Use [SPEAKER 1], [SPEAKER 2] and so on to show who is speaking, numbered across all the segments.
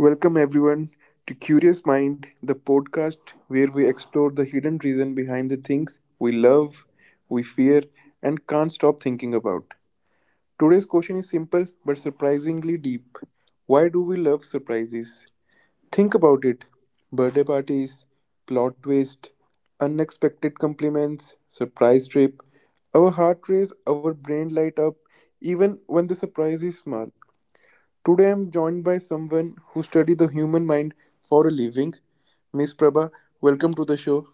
[SPEAKER 1] Welcome everyone to Curious Mind, the podcast where we explore the hidden reason behind the things we love, we fear, and can't stop thinking about. Today's question is simple but surprisingly deep. Why do we love surprises? Think about it. Birthday parties, plot twist, unexpected compliments, surprise trip. Our heart race, our brain light up even when the surprise is small. Today I am joined by someone who studies the human mind for a living. Miss Prabha, welcome to the show.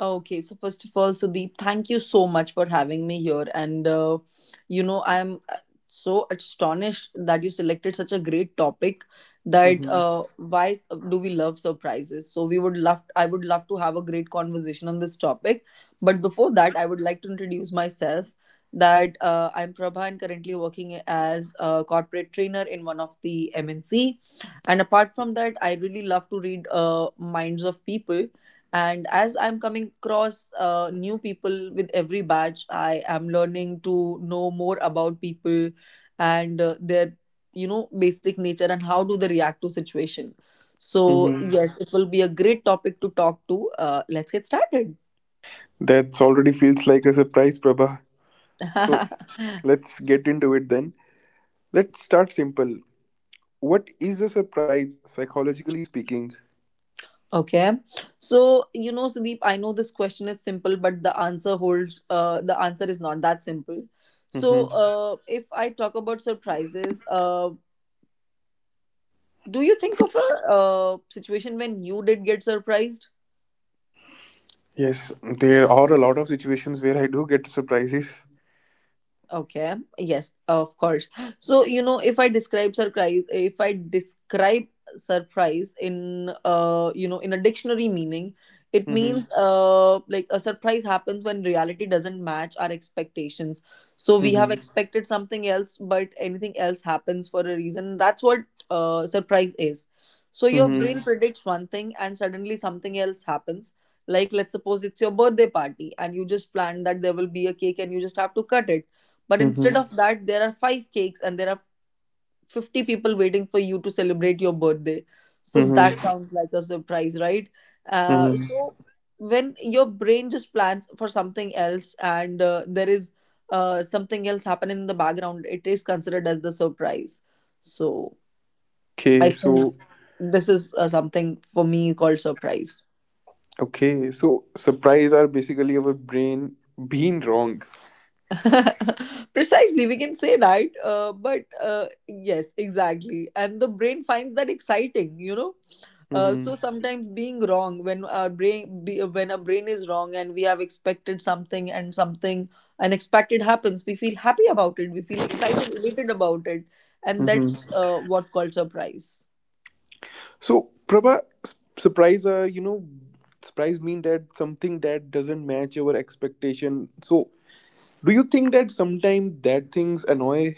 [SPEAKER 2] Okay, so first of all, Sudeep, thank you so much for having me here. And, you know, I'm So astonished that you selected such a great topic that
[SPEAKER 1] Hmm.
[SPEAKER 2] uh, why s- do we love surprises? I would love to have a great conversation on this topic. But before that, I would like to introduce myself that I'm Prabha and currently working as a corporate trainer in one of the MNC. And apart from that, I really love to read minds of people, and as I'm coming across new people with every batch, I am learning to know more about people and their basic nature and how do they react to situation. So
[SPEAKER 1] Hmm.
[SPEAKER 2] yes, it will be a great topic to talk to. Let's get started.
[SPEAKER 1] That already feels like a surprise, Prabha. So let's get into it then. Let's start simple. What is a surprise, psychologically speaking?
[SPEAKER 2] Okay, so Sudeep, I know this question is simple, but the answer is not that simple. so
[SPEAKER 1] Hmm.
[SPEAKER 2] uh, if I talk about surprises, do you think of a situation when you did get surprised?
[SPEAKER 1] Yes, there are a lot of situations where I do get surprises.
[SPEAKER 2] Okay. Yes, of course. So, you know, if I describe surprise, if I describe surprise in in a dictionary meaning, it
[SPEAKER 1] Hmm.
[SPEAKER 2] means like a surprise happens when reality doesn't match our expectations. So we have
[SPEAKER 1] Hmm.
[SPEAKER 2] expected something else, but anything else happens for a reason. That's what surprise is. So your
[SPEAKER 1] Hmm.
[SPEAKER 2] brain predicts one thing and suddenly something else happens. Like let's suppose it's your birthday party and you just plan that there will be a cake and you just have to cut it, but
[SPEAKER 1] Hmm.
[SPEAKER 2] instead of that, there are five cakes and there are 50 people waiting for you to celebrate your birthday. So that
[SPEAKER 1] Hmm.
[SPEAKER 2] sounds like a surprise, right? Uh,
[SPEAKER 1] Hmm.
[SPEAKER 2] so when your brain just plans for something else and there is something else happening in the background, it is considered as the surprise. So I
[SPEAKER 1] Okay,
[SPEAKER 2] think
[SPEAKER 1] so
[SPEAKER 2] this is something for me called surprise.
[SPEAKER 1] Okay, so surprise are basically our brain being wrong.
[SPEAKER 2] Precisely, we can say that. But yes, exactly. And the brain finds that exciting, you know. So
[SPEAKER 1] Hmm.
[SPEAKER 2] sometimes being wrong, when our brain is wrong and we have expected something and something unexpected happens, we feel happy about it. We feel excited, elated about it, and
[SPEAKER 1] Hmm.
[SPEAKER 2] that's what called surprise.
[SPEAKER 1] So, Prabha, surprise are, surprise mean that something that doesn't match your expectation. So, do you think that sometimes that things annoy?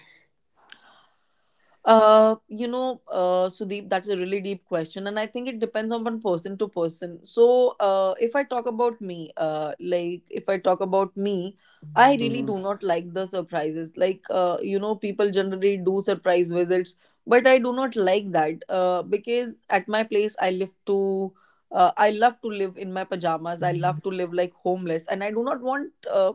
[SPEAKER 2] Sudeep, that's a really deep question, and I think it depends on one person to person. So, if I talk about me, like if I talk about me, I really
[SPEAKER 1] Hmm.
[SPEAKER 2] do not like the surprises. Like, people generally do surprise visits, but I do not like that. Because at my place, I love to live in my pajamas. I love to live like homeless, and I do not want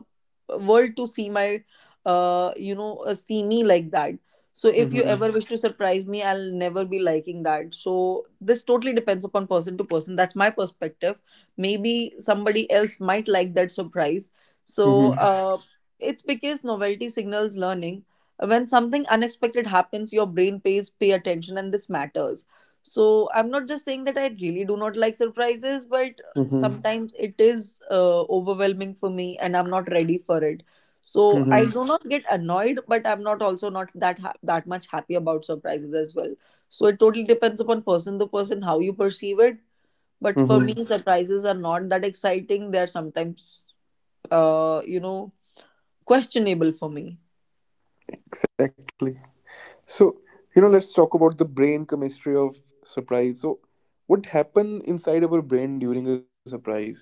[SPEAKER 2] world to see my, see me like that. So if you ever
[SPEAKER 1] Hmm.
[SPEAKER 2] wish to surprise me, I'll never be liking that. So this totally depends upon person to person. That's my perspective. Maybe somebody else might like that surprise. So
[SPEAKER 1] Hmm.
[SPEAKER 2] uh, it's because novelty signals learning. When something unexpected happens, your brain pays pay attention, and this matters. So I'm not just saying that I really do not like surprises, but
[SPEAKER 1] Hmm.
[SPEAKER 2] sometimes it is overwhelming for me, and I'm not ready for it. So I
[SPEAKER 1] Hmm.
[SPEAKER 2] do not get annoyed, but I'm not also not that that much happy about surprises as well. So it totally depends upon person to person how you perceive it. But for me,
[SPEAKER 1] Hmm.
[SPEAKER 2] surprises are not that exciting. They are sometimes, uh, you know, questionable for me.
[SPEAKER 1] Exactly. So, let's talk about the brain chemistry of surprise. So, what happen inside our brain during a surprise?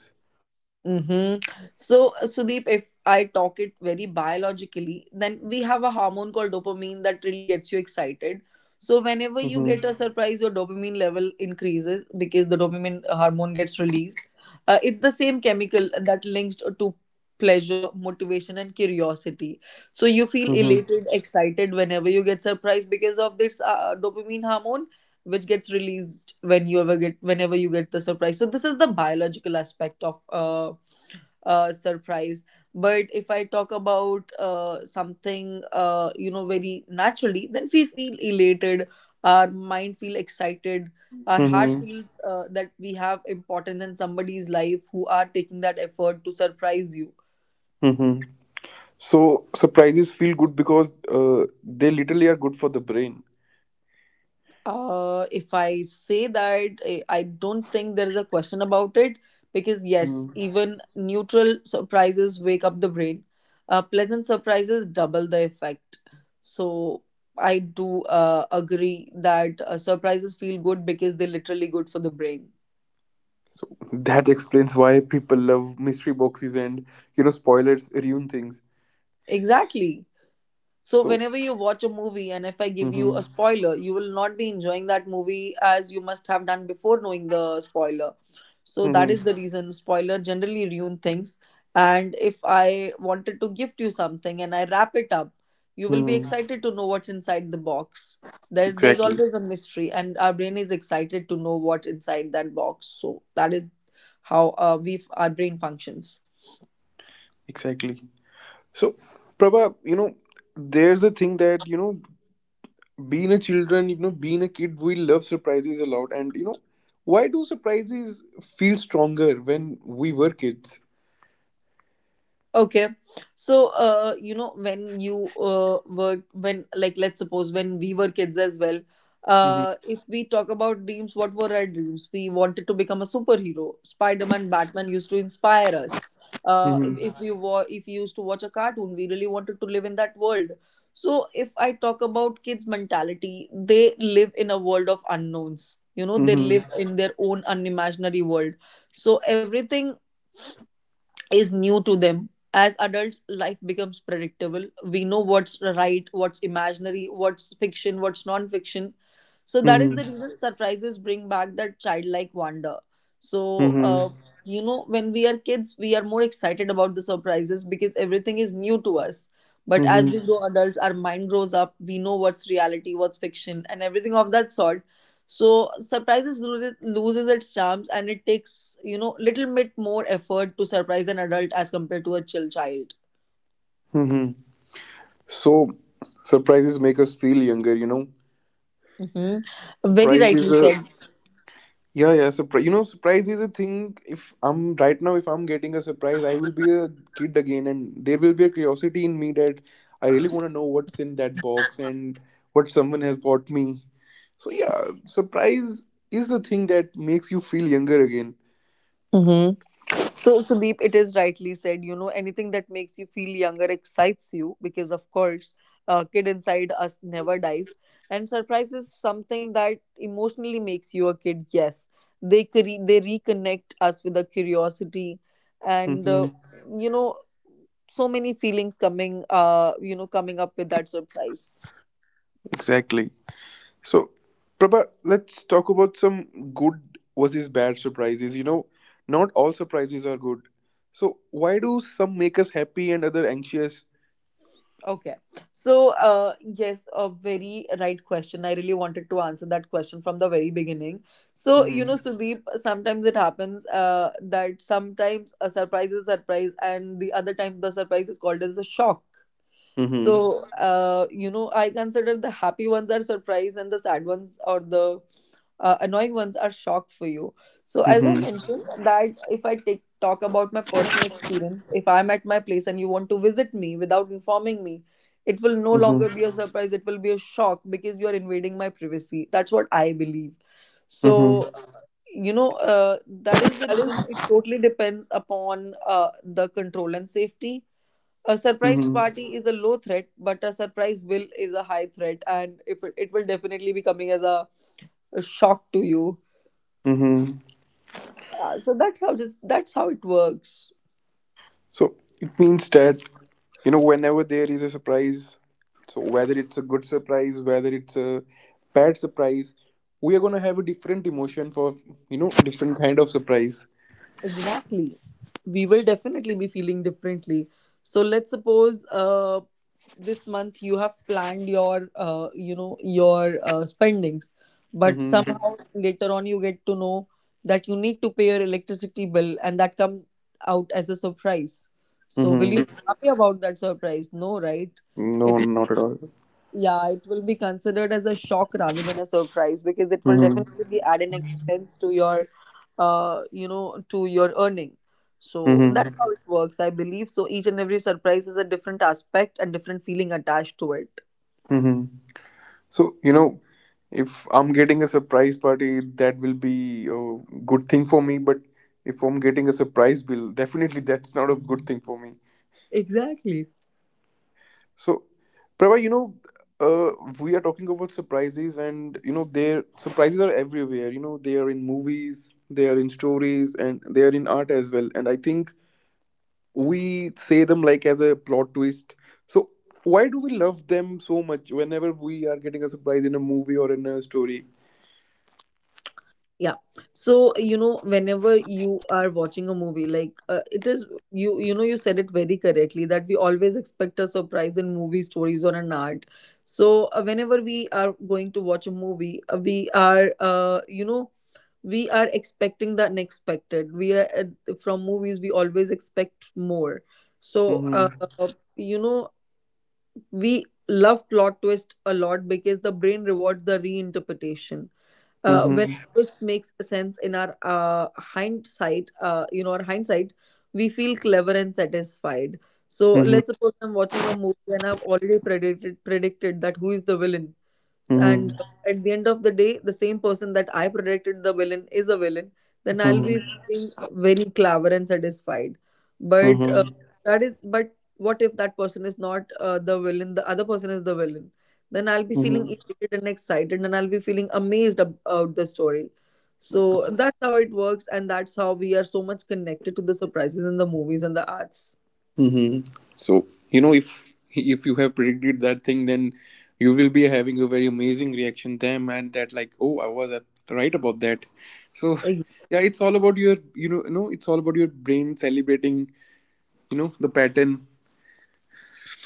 [SPEAKER 2] Mhm. So, Sudeep, if I talk it very biologically, then we have a hormone called dopamine that really gets you excited. So, whenever
[SPEAKER 1] Hmm.
[SPEAKER 2] you get a surprise, your dopamine level increases because the dopamine hormone gets released. It's the same chemical that links to pleasure, motivation, and curiosity. So, you feel
[SPEAKER 1] Hmm.
[SPEAKER 2] elated, excited whenever you get surprised because of this dopamine hormone which gets released whenever you get the surprise. So this is the biological aspect of surprise. But if I talk about very naturally, then we feel elated, our mind feel excited, our heart
[SPEAKER 1] Hmm.
[SPEAKER 2] feels that we have importance in somebody's life who are taking that effort to surprise you.
[SPEAKER 1] Hmm. So surprises feel good because they literally are good for the brain.
[SPEAKER 2] If I say that, I don't think there is a question about it because,
[SPEAKER 1] Hmm.
[SPEAKER 2] yes, even neutral surprises wake up the brain. Pleasant surprises double the effect. So I do agree that surprises feel good because they're literally good for the brain.
[SPEAKER 1] So that explains why people love mystery boxes and spoilers ruin things.
[SPEAKER 2] Exactly. So
[SPEAKER 1] So.
[SPEAKER 2] whenever you watch a movie and if I give you a
[SPEAKER 1] Hmm.
[SPEAKER 2] spoiler, you will not be enjoying that movie as you must have done before knowing the spoiler. So that
[SPEAKER 1] Hmm.
[SPEAKER 2] is the reason spoiler generally ruin things. And if I wanted to gift you something and I wrap it up, you will be
[SPEAKER 1] Hmm.
[SPEAKER 2] excited to know what's inside the box. There's
[SPEAKER 1] Exactly,
[SPEAKER 2] always a mystery, and our brain is excited to know what's inside that box. So that is how we our brain functions.
[SPEAKER 1] exactly. So, Prabha, there's a thing that being a children, being a kid, we love surprises a lot, and why do surprises feel stronger when we were kids?
[SPEAKER 2] Okay, so you know when you were when like let's suppose when we were kids as well,
[SPEAKER 1] Hmm.
[SPEAKER 2] if we talk about dreams, what were our dreams? We wanted to become a superhero. Spider-Man, Batman used to inspire us.
[SPEAKER 1] Hmm.
[SPEAKER 2] If we used to watch a cartoon, we really wanted to live in that world. So if I talk about kids' mentality, they live in a world of unknowns. You know, they
[SPEAKER 1] Hmm.
[SPEAKER 2] live in their own unimaginary world, so everything is new to them. As adults, life becomes predictable. We know what's right, what's imaginary, what's fiction, what's non fiction. So that is
[SPEAKER 1] Hmm.
[SPEAKER 2] the reason surprises bring back that childlike wonder. So,
[SPEAKER 1] Mm-hmm.
[SPEAKER 2] you know, when we are kids, we are more excited about the surprises because everything is new to us. But as
[SPEAKER 1] Mm-hmm.
[SPEAKER 2] we grow adults, our mind grows up. We know what's reality, what's fiction, and everything of that sort. So surprises loses its charms, and it takes you know little bit more effort to surprise an adult as compared to a chill child.
[SPEAKER 1] Mm-hmm. So surprises make us feel younger.
[SPEAKER 2] Mm-hmm. Very
[SPEAKER 1] Surprise is
[SPEAKER 2] rightly
[SPEAKER 1] a
[SPEAKER 2] said.
[SPEAKER 1] Yeah, yeah. Surprise, surprise is a thing. If I'm right now, if I'm getting a surprise, I will be a kid again, and there will be a curiosity in me that I really want to know what's in that box and what someone has bought me. So yeah, surprise is the thing that makes you feel younger again.
[SPEAKER 2] Mhm. So, Sudeep, it is rightly said. You know, anything that makes you feel younger excites you because, of course, kid inside us never dies. And surprise is something that emotionally makes you a kid. Yes, they they reconnect us with a curiosity, and
[SPEAKER 1] Mm-hmm.
[SPEAKER 2] you know, so many feelings coming, coming up with that surprise.
[SPEAKER 1] Exactly. So, Prabha, let's talk about some good versus bad surprises. Not all surprises are good. So, why do some make us happy and other anxious?
[SPEAKER 2] Okay. So, yes, a very right question. I really wanted to answer that question from the very beginning. So, you know,
[SPEAKER 1] Mm-hmm.
[SPEAKER 2] Sudeep, sometimes it happens that sometimes a surprise is a surprise, and the other time the surprise is called as a shock.
[SPEAKER 1] Mm-hmm.
[SPEAKER 2] So, I consider the happy ones are surprise and the sad ones or the annoying ones are shock for you. So, as I
[SPEAKER 1] Mm-hmm.
[SPEAKER 2] mentioned, that if I take talk about my personal experience, if I'm at my place and you want to visit me without informing me, it will no
[SPEAKER 1] Mm-hmm.
[SPEAKER 2] longer be a surprise. It will be a shock because you are invading my privacy. That's what I believe.
[SPEAKER 1] Mm-hmm.
[SPEAKER 2] So, that is the reason it totally depends upon the control and safety. A surprise
[SPEAKER 1] Mm-hmm.
[SPEAKER 2] party is a low threat, but a surprise bill is a high threat, and if it, it will definitely be coming as a shock to you.
[SPEAKER 1] Hmm.
[SPEAKER 2] That's how it works.
[SPEAKER 1] So, it means that, whenever there is a surprise, so whether it's a good surprise, whether it's a bad surprise, we are going to have a different emotion for, different kind of surprise.
[SPEAKER 2] Exactly. We will definitely be feeling differently. So let's suppose this month you have planned your spendings, but
[SPEAKER 1] Mm-hmm.
[SPEAKER 2] somehow later on you get to know that you need to pay your electricity bill, and that comes out as a surprise. So will
[SPEAKER 1] Mm-hmm.
[SPEAKER 2] you be happy about that surprise? No, right?
[SPEAKER 1] No,
[SPEAKER 2] It
[SPEAKER 1] not at all.
[SPEAKER 2] Yeah, it will be considered as a shock rather than a surprise because it will
[SPEAKER 1] Mm-hmm.
[SPEAKER 2] definitely add an expense to your, to your earning. So
[SPEAKER 1] Mm-hmm.
[SPEAKER 2] that's how it works, I believe. So each and every surprise is a different aspect and different feeling attached to it.
[SPEAKER 1] Mm-hmm. So, if I'm getting a surprise party, that will be a good thing for me. But if I'm getting a surprise bill, definitely that's not a good thing for me.
[SPEAKER 2] Exactly.
[SPEAKER 1] So, Prabha, uh, we are talking about surprises, and their surprises are everywhere. They are in movies, they are in stories, and they are in art as well. And I think we say them like as a plot twist. So why do we love them so much whenever we are getting a surprise in a movie or in a story?
[SPEAKER 2] Yeah, so you know whenever you are watching a movie, like it is you know you said it very correctly that we always expect a surprise in movie stories or an art. So whenever we are going to watch a movie, we are, we are expecting the unexpected. We are from movies we always expect more. So
[SPEAKER 1] Mm-hmm.
[SPEAKER 2] you know we love plot twist a lot because the brain rewards the reinterpretation. When
[SPEAKER 1] Mm-hmm.
[SPEAKER 2] this makes sense in our hindsight, our hindsight, we feel clever and satisfied. So
[SPEAKER 1] Mm-hmm.
[SPEAKER 2] let's suppose I'm watching a movie and I've already predicted that who is the villain, and at the end of the day the same person that I predicted the villain is a villain, then I'll
[SPEAKER 1] Mm-hmm.
[SPEAKER 2] be feeling very clever and satisfied. But
[SPEAKER 1] Mm-hmm.
[SPEAKER 2] that is, but what if that person is not the villain, the other person is the villain? Then I'll be feeling
[SPEAKER 1] Mm-hmm.
[SPEAKER 2] elated and excited and I'll be feeling amazed about the story. So that's how it works, and that's how we are so much connected to the surprises in the movies and the arts.
[SPEAKER 1] Mm-hmm. So if you have predicted that thing, then you will be having a very amazing reaction them and that like oh I was right about that. So yeah, it's all about your it's all about your brain celebrating the pattern.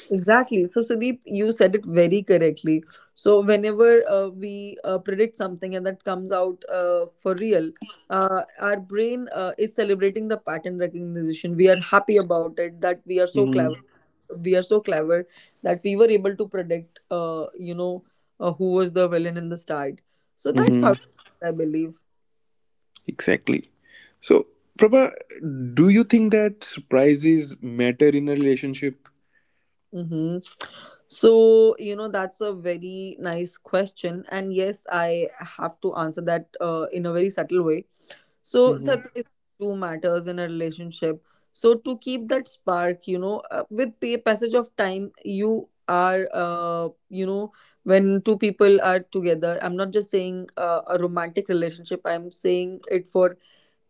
[SPEAKER 2] Exactly. So, Sudeep, you said it very correctly. So, whenever we predict something and that comes out for real, our brain is celebrating the pattern recognition. We are happy about it that we are so clever. We are so clever that we were able to predict, who was the villain in the start. So that's how
[SPEAKER 1] Mm-hmm.
[SPEAKER 2] I believe.
[SPEAKER 1] Exactly. So, Prabha, do you think that surprises matter in a relationship?
[SPEAKER 2] Mm-hmm. So, you know, that's a very nice question. And yes, I have to answer that in a very subtle way. So,
[SPEAKER 1] Mm-hmm.
[SPEAKER 2] surprise do matters in a relationship. So, to keep that spark, you know, with pay passage of time, you are, when two people are together, I'm not just saying a romantic relationship, I'm saying it for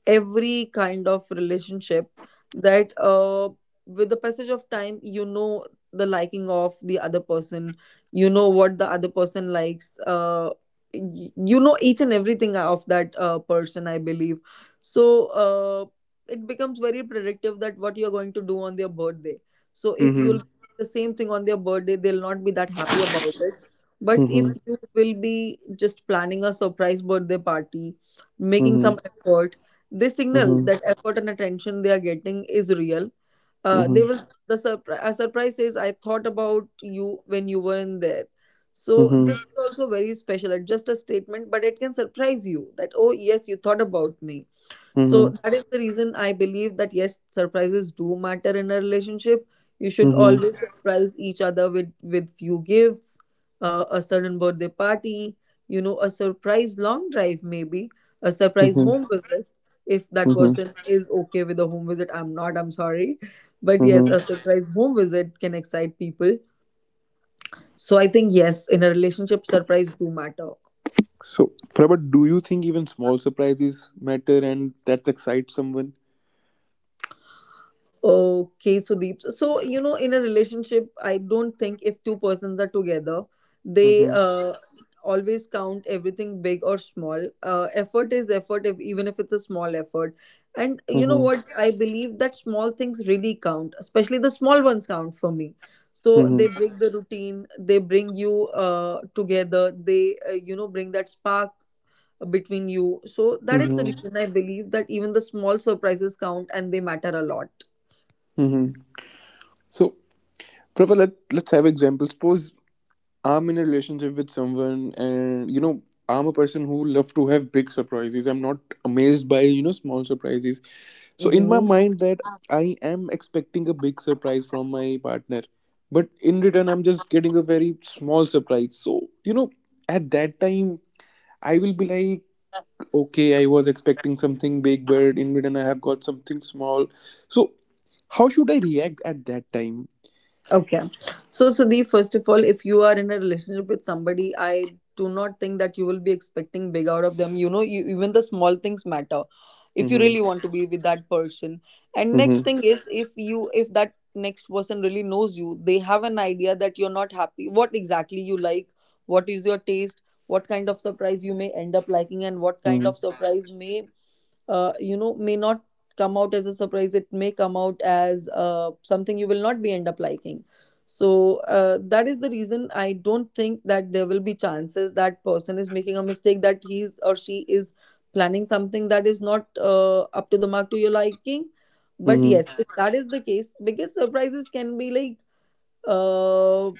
[SPEAKER 2] every kind of relationship, that with the passage of time, you know, the liking of the other person, you know what the other person likes, you know, each and everything of that person I believe. So it becomes very predictive that what you're going to do on their birthday. So if you'll
[SPEAKER 1] Mm-hmm.
[SPEAKER 2] the same thing on their birthday, they'll not be that happy about it. But
[SPEAKER 1] Mm-hmm.
[SPEAKER 2] if you will be just planning a surprise birthday party, making some
[SPEAKER 1] Mm-hmm.
[SPEAKER 2] effort, they signal
[SPEAKER 1] Mm-hmm.
[SPEAKER 2] that effort and attention they are getting is real. They
[SPEAKER 1] Mm-hmm.
[SPEAKER 2] will, the a surprise says I thought about you when you were in there. So
[SPEAKER 1] Mm-hmm. Mm-hmm.
[SPEAKER 2] this is also very special. It's just a statement, but it can surprise you that oh yes, you thought about me. So that is the reason I believe that yes, surprises do matter in a relationship. You should always surprise each other with few gifts, a certain birthday party, you know, a surprise long drive maybe, a surprise
[SPEAKER 1] Mm-hmm.
[SPEAKER 2] home visit. If that
[SPEAKER 1] Mm-hmm.
[SPEAKER 2] person is okay with a home visit, I'm not. I'm sorry, but yes, a
[SPEAKER 1] Mm-hmm.
[SPEAKER 2] surprise home visit can excite people. So I think yes, in a relationship, surprise do matter.
[SPEAKER 1] So, Prabha, do you think even small surprises matter and that excites someone?
[SPEAKER 2] Okay, Sudeep. So, you know, in a relationship, I don't think if two persons are together, they
[SPEAKER 1] Mm-hmm.
[SPEAKER 2] always count everything big or small. Effort is effort, if, even if it's a small effort. And you know
[SPEAKER 1] Mm-hmm.
[SPEAKER 2] what? I believe that small things really count, especially the small ones count for me. So
[SPEAKER 1] Mm-hmm.
[SPEAKER 2] they break the routine, they bring you together, they, bring that spark between you. So that is the
[SPEAKER 1] Mm-hmm.
[SPEAKER 2] reason I believe that even the small surprises count and they matter a lot.
[SPEAKER 1] Mm-hmm. So, Prabha, let's have examples. Suppose. I'm in a relationship with someone, and I'm a person who love to have big surprises. I'm not amazed by small surprises. So in my mind, that I am expecting a big surprise from my partner, but in return, I'm just getting a very small surprise. So at that time, I will be like, okay, I was expecting something big, but in return, I have got something small. So how should I react at that time?
[SPEAKER 2] Okay. So, Sudeep, first of all, if you are in a relationship with somebody, I do not think that you will be expecting big out of them. You know, you, even the small things matter if you
[SPEAKER 1] Mm-hmm.
[SPEAKER 2] really want to be with that person. And next
[SPEAKER 1] Mm-hmm.
[SPEAKER 2] thing is if you, if that next person really knows you, they have an idea that you're not happy, what exactly you like, what is your taste, what kind of surprise you may end up liking, and what kind
[SPEAKER 1] Mm-hmm.
[SPEAKER 2] of surprise may you know, may not come out as a surprise, it may come out as something you will not be end up liking. So that is the reason I don't think that there will be chances that person is making a mistake that he's or she is planning something that is not up to the mark to your liking. But
[SPEAKER 1] Mm-hmm.
[SPEAKER 2] yes, if that is the case, biggest surprises can be like uh,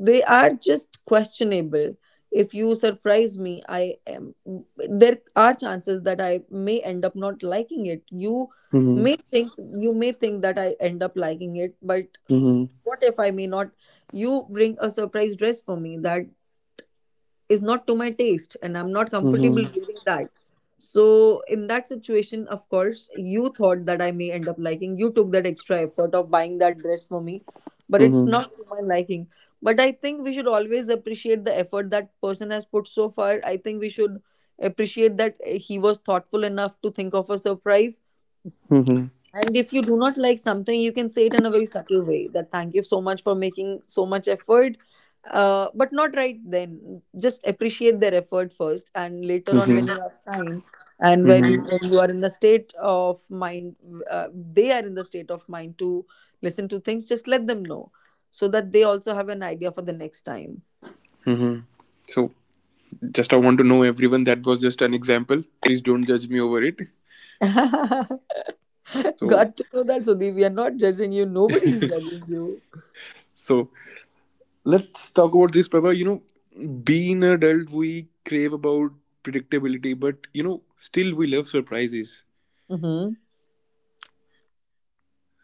[SPEAKER 2] they are just questionable. If you surprise me, I am, there are chances that I may end up not liking it.
[SPEAKER 1] Mm-hmm.
[SPEAKER 2] You may think that I end up liking it, but
[SPEAKER 1] Mm-hmm.
[SPEAKER 2] what if I may not? You bring a surprise dress for me that is not to my taste and I'm not comfortable
[SPEAKER 1] Mm-hmm.
[SPEAKER 2] wearing that. So, in that situation, of course, you thought that I may end up liking. You took that extra effort of buying that dress for me, but it's
[SPEAKER 1] Mm-hmm.
[SPEAKER 2] not to my liking. But I think we should always appreciate the effort that person has put so far. I think we should appreciate that he was thoughtful enough to think of a surprise,
[SPEAKER 1] Mm-hmm.
[SPEAKER 2] and if you do not like something, you can say it in a very subtle way that thank you so much for making so much effort, but not right then. Just appreciate their effort first, and later on,
[SPEAKER 1] Mm-hmm.
[SPEAKER 2] when you have time and
[SPEAKER 1] Mm-hmm.
[SPEAKER 2] when you are in the state of mind, they are in the state of mind to listen to things, just let them know so that they also have an idea for the next time.
[SPEAKER 1] Mm-hmm. So just I want to know everyone that was just an example. Please don't judge me over it.
[SPEAKER 2] Got
[SPEAKER 1] So
[SPEAKER 2] to know that, Sudhi. We are not judging you, nobody is judging you.
[SPEAKER 1] so let's talk about this, Prabha. Being an adult, we crave about predictability, but still we love surprises.
[SPEAKER 2] Mm-hmm.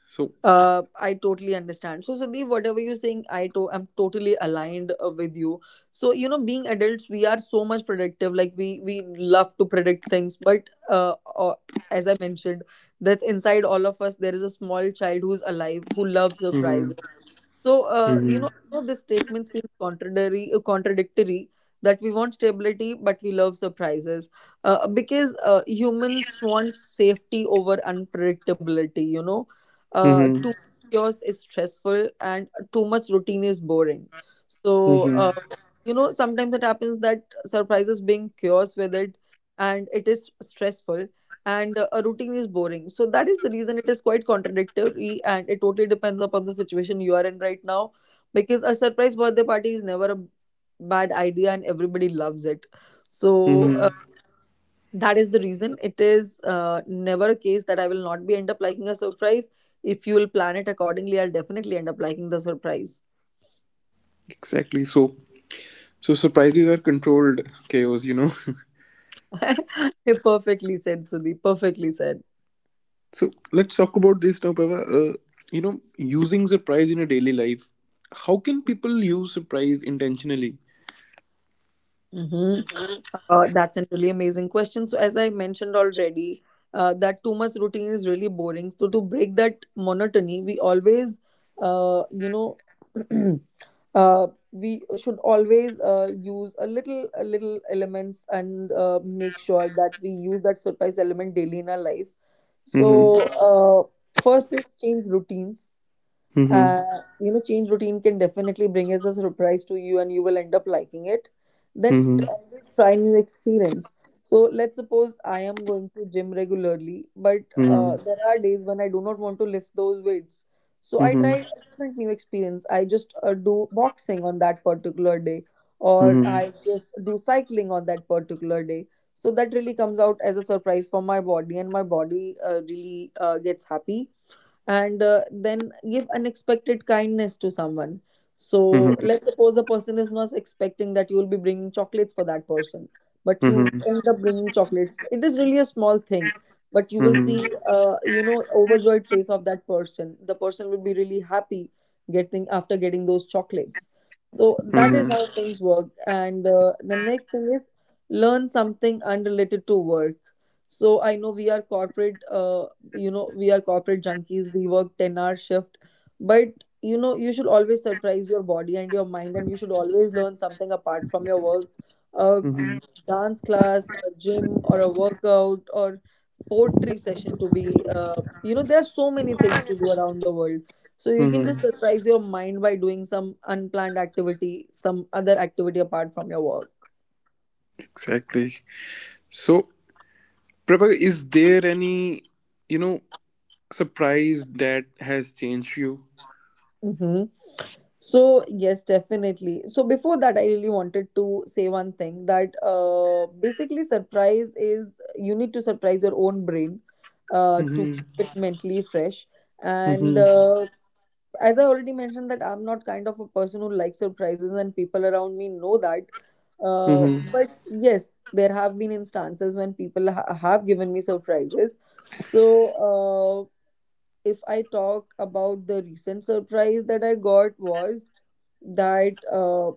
[SPEAKER 1] So.
[SPEAKER 2] I totally understand. So, Sudeep, whatever you're saying, I'm totally aligned with you. So, you know, being adults, we are so much predictive. Like we love to predict things, but as I mentioned, that inside all of us there is a small child who's alive who loves
[SPEAKER 1] Mhm.
[SPEAKER 2] surprises. So,
[SPEAKER 1] Mhm.
[SPEAKER 2] I know this statement feels contradictory, contradictory, that we want stability, but we love surprises because humans want safety over unpredictability. You know,
[SPEAKER 1] Mhm.
[SPEAKER 2] too much chaos is stressful and too much routine is boring. So,
[SPEAKER 1] Mhm.
[SPEAKER 2] sometimes it happens that surprises being chaos with it, and it is stressful, and a routine is boring. So that is the reason it is quite contradictory and it totally depends upon the situation you are in right now, because a surprise birthday party is never a bad idea and everybody loves it. So
[SPEAKER 1] Mhm.
[SPEAKER 2] that is the reason it is never a case that I will not be end up liking a surprise. If you will plan it accordingly, I'll definitely end up liking the surprise.
[SPEAKER 1] Exactly. So surprises are controlled chaos.
[SPEAKER 2] Perfectly said, Sudhi. Perfectly said.
[SPEAKER 1] So let's talk about this now, Prava. Using surprise in a daily life. How can people use surprise intentionally?
[SPEAKER 2] Mhm. That's a really amazing question. So, as I mentioned already, that too much routine is really boring. So, to break that monotony, we always, uh, you know, we should always use a little elements and make sure that we use that surprise element daily in our life. So,
[SPEAKER 1] Mm-hmm.
[SPEAKER 2] first is change routines.
[SPEAKER 1] Mm-hmm.
[SPEAKER 2] You know, change routine can definitely bring as a surprise to you and you will end up liking it. Then
[SPEAKER 1] Mm-hmm.
[SPEAKER 2] always try new experience. So let's suppose I am going to gym regularly, but there are days when I do not want to lift those weights. So I try
[SPEAKER 1] Mm-hmm.
[SPEAKER 2] a different new experience, I just do boxing on that particular day, or
[SPEAKER 1] Mm-hmm.
[SPEAKER 2] I
[SPEAKER 1] Mm-hmm.
[SPEAKER 2] just do cycling on that particular day. So that really comes out as a surprise for my body and my body really gets happy. And then give unexpected kindness to someone. So
[SPEAKER 1] Mm-hmm.
[SPEAKER 2] let's suppose the person is not expecting that you will be bringing chocolates for that person, but you
[SPEAKER 1] Mm-hmm.
[SPEAKER 2] end up bringing chocolates. It is really a small thing, but you will
[SPEAKER 1] Mm-hmm.
[SPEAKER 2] see, overjoyed face of that person. The person will be really happy getting after getting those chocolates. So that is
[SPEAKER 1] Mm-hmm.
[SPEAKER 2] how things work. And the next thing is learn something unrelated to work. So I know we are corporate. You know we are corporate junkies, we work 10-hour shift. But you know, you should always surprise your body and your mind and you should always learn something apart from your work, a
[SPEAKER 1] Mm-hmm.
[SPEAKER 2] dance class, a gym or a workout, or poetry session to be. There are so many things to do around the world, so you can just
[SPEAKER 1] Mm-hmm.
[SPEAKER 2] surprise your mind by doing some unplanned activity, some other activity apart from your work.
[SPEAKER 1] Exactly. So, Prabha, is there any, you know, surprise that has changed you?
[SPEAKER 2] Mm-hmm. So, yes, definitely. So, before that, I really wanted to say one thing, that basically, surprise is you need to surprise your own brain to keep
[SPEAKER 1] Mm-hmm.
[SPEAKER 2] it mentally fresh. And
[SPEAKER 1] Mm-hmm.
[SPEAKER 2] as I already mentioned, that I'm not kind of a person who likes surprises, and people around me know that. But yes, there have been instances when people have given me surprises. So, uh, if I talk about the recent surprise that I got was that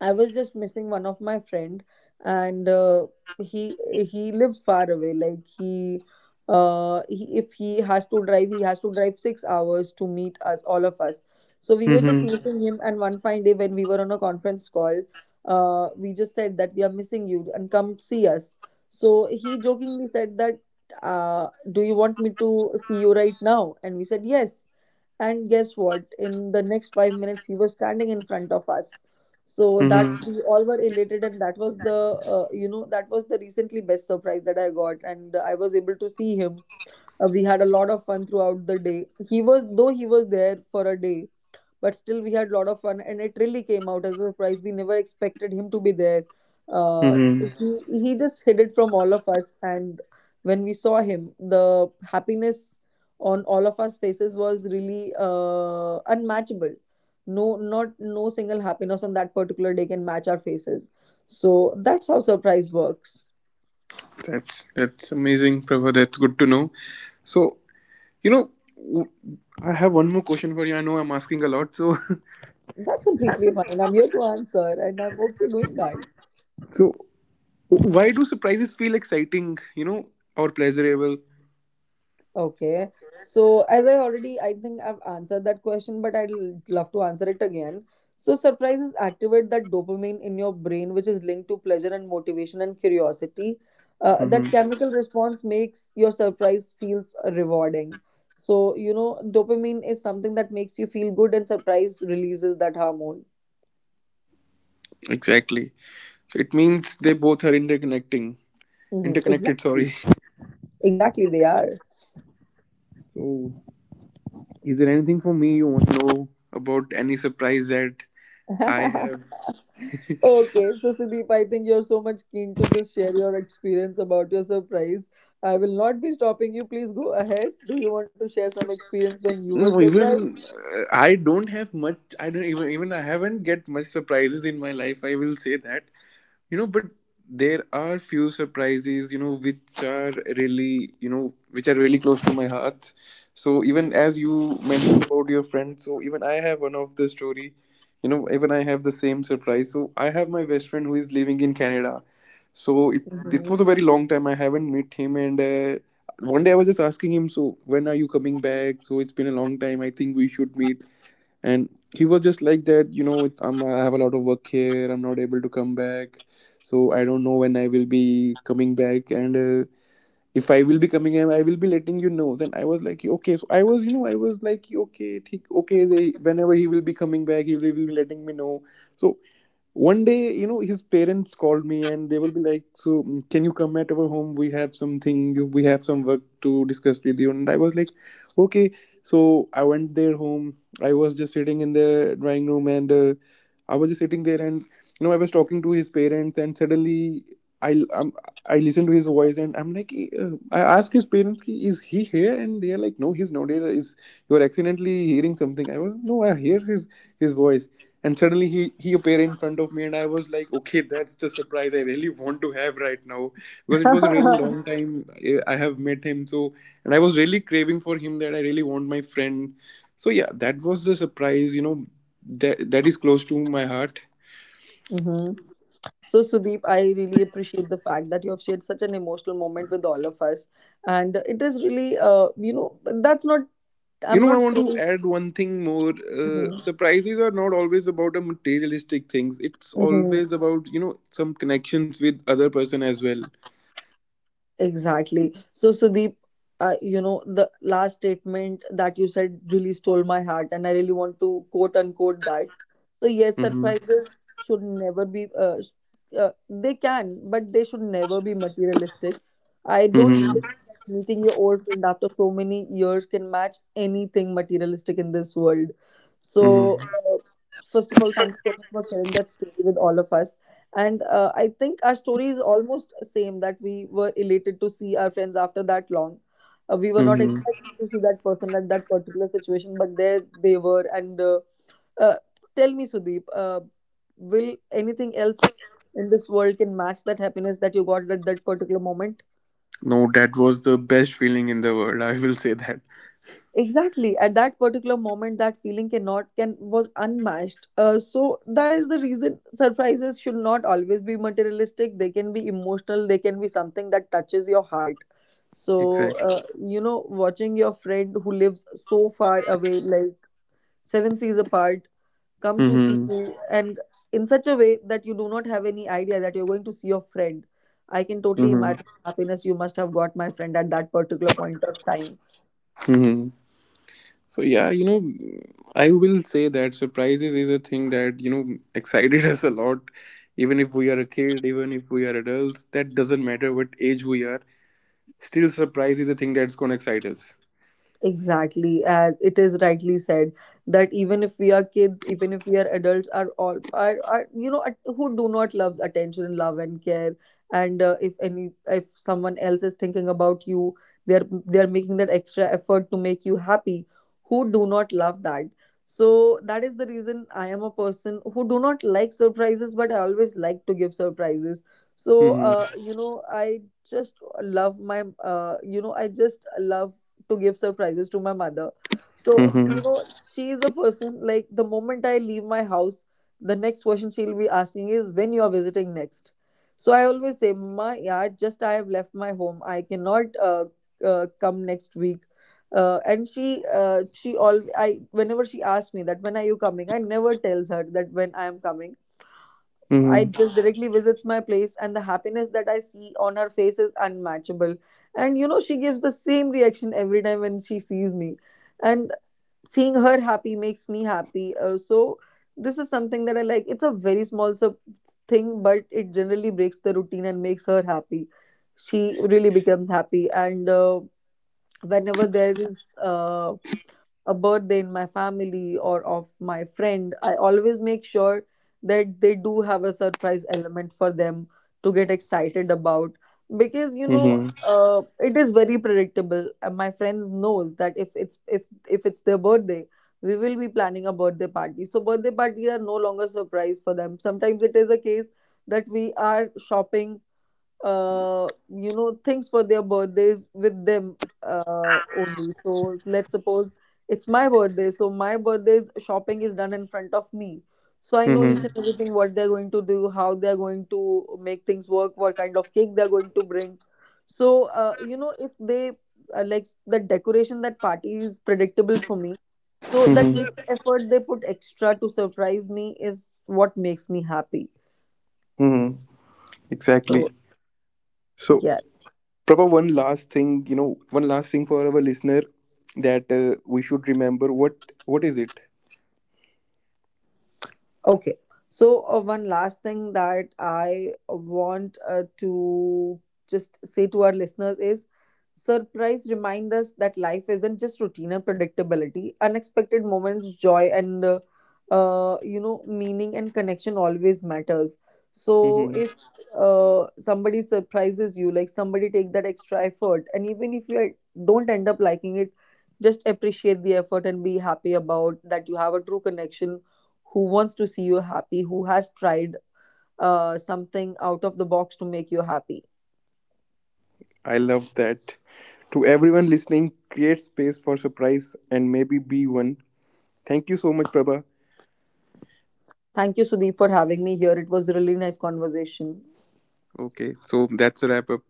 [SPEAKER 2] I was just missing one of my friend, and he he lives far away. Like he, if he has to drive, he has to drive 6 hours to meet us, all of us. So we were just
[SPEAKER 1] Mm-hmm.
[SPEAKER 2] missing him. And one fine day when we were on a conference call, we just said that we are missing you and come see us. So he jokingly said that, do you want me to see you right now? And we said yes. And guess what? In the next 5 minutes, he was standing in front of us. So that
[SPEAKER 1] Mm-hmm.
[SPEAKER 2] we all were elated, and that was the that was the recently best surprise that I got, and I was able to see him. We had a lot of fun throughout the day. He was though he was there for a day, but still we had a lot of fun and it really came out as a surprise. We never expected him to be there. uh,
[SPEAKER 1] Mm-hmm.
[SPEAKER 2] he just hid it from all of us, and when we saw him, the happiness on all of us faces was really unmatchable. No single happiness on that particular day can match our faces. So that's how surprise works.
[SPEAKER 1] That's amazing, Prabha. That's good to know. So, you know, w- I have one more question for you. I know I'm asking a lot. So,
[SPEAKER 2] That's completely fine, I'm here to answer and I'm okay doing that.
[SPEAKER 1] so why do surprises feel exciting? Or pleasurable?
[SPEAKER 2] Okay. So as I already, I think I've answered that question, but I'd love to answer it again. So surprises activate that dopamine in your brain, which is linked to pleasure and motivation and curiosity.
[SPEAKER 1] Hmm.
[SPEAKER 2] That chemical response makes your surprise feels rewarding. So, you know, dopamine is something that makes you feel good and surprise releases that hormone.
[SPEAKER 1] Exactly. So it means they both are interconnecting,
[SPEAKER 2] Mm-hmm.
[SPEAKER 1] interconnected.
[SPEAKER 2] Exactly,
[SPEAKER 1] Sorry.
[SPEAKER 2] exactly, they
[SPEAKER 1] So, is there anything for me you want to know about any surprise that I
[SPEAKER 2] are.
[SPEAKER 1] have?
[SPEAKER 2] Okay, so Sudeep, I think you're so much keen to just share your experience about your surprise. I will not be stopping you. Please go ahead. Do you want to share some experience when you were
[SPEAKER 1] No,
[SPEAKER 2] surprised?
[SPEAKER 1] even I don't have much. I don't even I haven't get much surprises in my life. I will say that. But there are few surprises which are really close to my heart. So even as you mentioned about your friend, so even I have one of the story. Even I have the same surprise. So I have my best friend who is living in Canada. So it was a
[SPEAKER 2] Hmm.
[SPEAKER 1] very long time I haven't met him. And one day I was just asking him, so when are you coming back? So it's been a long time, I think we should meet. And he was just like that, with I have a lot of work here, I'm not able to come back. So I don't know when I will be coming back. And if I will be coming, I will be letting you know. Then I was like okay. So I was like okay theek, okay they, whenever he will be coming back, he will be letting me know. So one day, his parents called me. And they will be like so can you come at our home, we have something, we have some work to discuss with you. And I was like okay. So I went their home. I was just sitting in the drawing room. And I was just sitting there, and I was talking to his parents. And suddenly i um, I listened to his voice. And I'm like "Hey, I asked his parents "Ki, is he here?" And they are like no he's not here, is you are accidentally hearing something. I was no I hear his voice. And suddenly he appeared in front of me. And I was like, okay, that's the surprise I really want to have right now. Because it was a really long time I have met him. So, and I was really craving for him that I really want my friend. So, yeah, that was the surprise, that is close to my heart.
[SPEAKER 2] Hmm. So, Sudeep, I really appreciate the fact that you have shared such an emotional moment with all of us. And it is really, you know, that's not, I'm
[SPEAKER 1] I
[SPEAKER 2] not
[SPEAKER 1] want to
[SPEAKER 2] saying.
[SPEAKER 1] add one thing more.
[SPEAKER 2] Mhm.
[SPEAKER 1] Surprises are not always about a materialistic things. It's
[SPEAKER 2] Mhm.
[SPEAKER 1] always about some connections with other person as well.
[SPEAKER 2] Exactly. So, Sudeep, you know, the last statement that you said really stole my heart, and I really want to quote unquote that. So, yes,
[SPEAKER 1] Mm-hmm.
[SPEAKER 2] surprises should never be, they can, but they should never be materialistic. I don't
[SPEAKER 1] Mm-hmm.
[SPEAKER 2] think that meeting your old friend after so many years can match anything materialistic in this world. So,
[SPEAKER 1] Mm-hmm.
[SPEAKER 2] first of all, thank you so much for sharing that story with all of us, and I think our story is almost same, that we were elated to see our friends after that long. We were not
[SPEAKER 1] Mm-hmm.
[SPEAKER 2] expecting to see that person at that particular situation, but there they were, and uh, tell me, Sudeep, will anything else in this world can match that happiness that you got at that particular moment?
[SPEAKER 1] No, that was the best feeling in the world. I will say that.
[SPEAKER 2] Exactly. At that particular moment, that feeling cannot can was unmatched. So that is the reason surprises should not always be materialistic. They can be emotional. They can be something that touches your heart. So
[SPEAKER 1] Exactly.
[SPEAKER 2] you know, watching your friend who lives so far away, like seven seas apart, come to see
[SPEAKER 1] Mm-hmm.
[SPEAKER 2] you, and in such a way that you do not have any idea that you're going to see your friend. I can totally
[SPEAKER 1] Mm-hmm.
[SPEAKER 2] imagine the happiness you must have got, my friend, at that particular point of time.
[SPEAKER 1] Mm-hmm. So yeah, I will say that surprises is a thing that, excited us a lot. Even if we are a kid, even if we are adults, that doesn't matter what age we are. Still surprise is a thing that's gonna excite us.
[SPEAKER 2] Exactly, as it is rightly said, that even if we are kids, even if we are adults, are all are you know who do not loves attention and love and care, and if any if someone else is thinking about you, they are making that extra effort to make you happy. Who do not love that? So that is the reason I am a person who do not like surprises, but I always like to give surprises. So
[SPEAKER 1] Mm-hmm.
[SPEAKER 2] you know, I just love my I just love to give surprises to my mother. So, you
[SPEAKER 1] Mm-hmm.
[SPEAKER 2] know, she is a person like the moment I leave my house, the next question she'll be asking is when you are visiting next. So I always say, my yeah, just I have left my home. I cannot come next week. And she all I whenever she asks me that when are you coming, I never tells her that when I am coming. I
[SPEAKER 1] Mm-hmm.
[SPEAKER 2] just directly visits my place, and the happiness that I see on her face is unmatchable. And you know, she gives the same reaction every time when she sees me, and seeing her happy makes me happy. So this is something that I like. It's a very small sub thing, but it generally breaks the routine and makes her happy. She really becomes happy, and whenever there is a birthday in my family or of my friend, I always make sure that they do have a surprise element for them to get excited about, because you know
[SPEAKER 1] Mm-hmm.
[SPEAKER 2] it is very predictable and my friends knows that if it's their birthday we will be planning a birthday party. So birthday party are no longer surprise for them. Sometimes it is a case that we are shopping you know things for their birthdays with them only. So let's suppose it's my birthday. So my birthday's shopping is done in front of me. So I know each
[SPEAKER 1] Mm-hmm.
[SPEAKER 2] and everything what they're going to do, how they're going to make things work, what kind of cake they're going to bring. So you know if they like the decoration, that party is predictable for me. So that little
[SPEAKER 1] Mm-hmm.
[SPEAKER 2] effort they put extra to surprise me is what makes me happy.
[SPEAKER 1] Mm-hmm.
[SPEAKER 2] So
[SPEAKER 1] Exactly. So
[SPEAKER 2] yeah,
[SPEAKER 1] Prabha, one last thing, one last thing for our listener, that we should remember what is it?
[SPEAKER 2] okay. So, one last thing that I want to just say to our listeners is surprise remind us that life isn't just routine and predictability. Unexpected moments, joy, and you know, meaning and connection always matters. So,
[SPEAKER 1] Hmm.
[SPEAKER 2] if somebody surprises you, like somebody take that extra effort, and even if you don't end up liking it, just appreciate the effort and be happy about that you have a true connection who wants to see you happy, who has tried something out of the box to make you happy.
[SPEAKER 1] I love that. To everyone listening, create space for surprise and maybe be one. Thank you so much, Prabha.
[SPEAKER 2] Thank you, Sudeep, for having me here. It was a really nice conversation.
[SPEAKER 1] Okay, so that's a wrap up.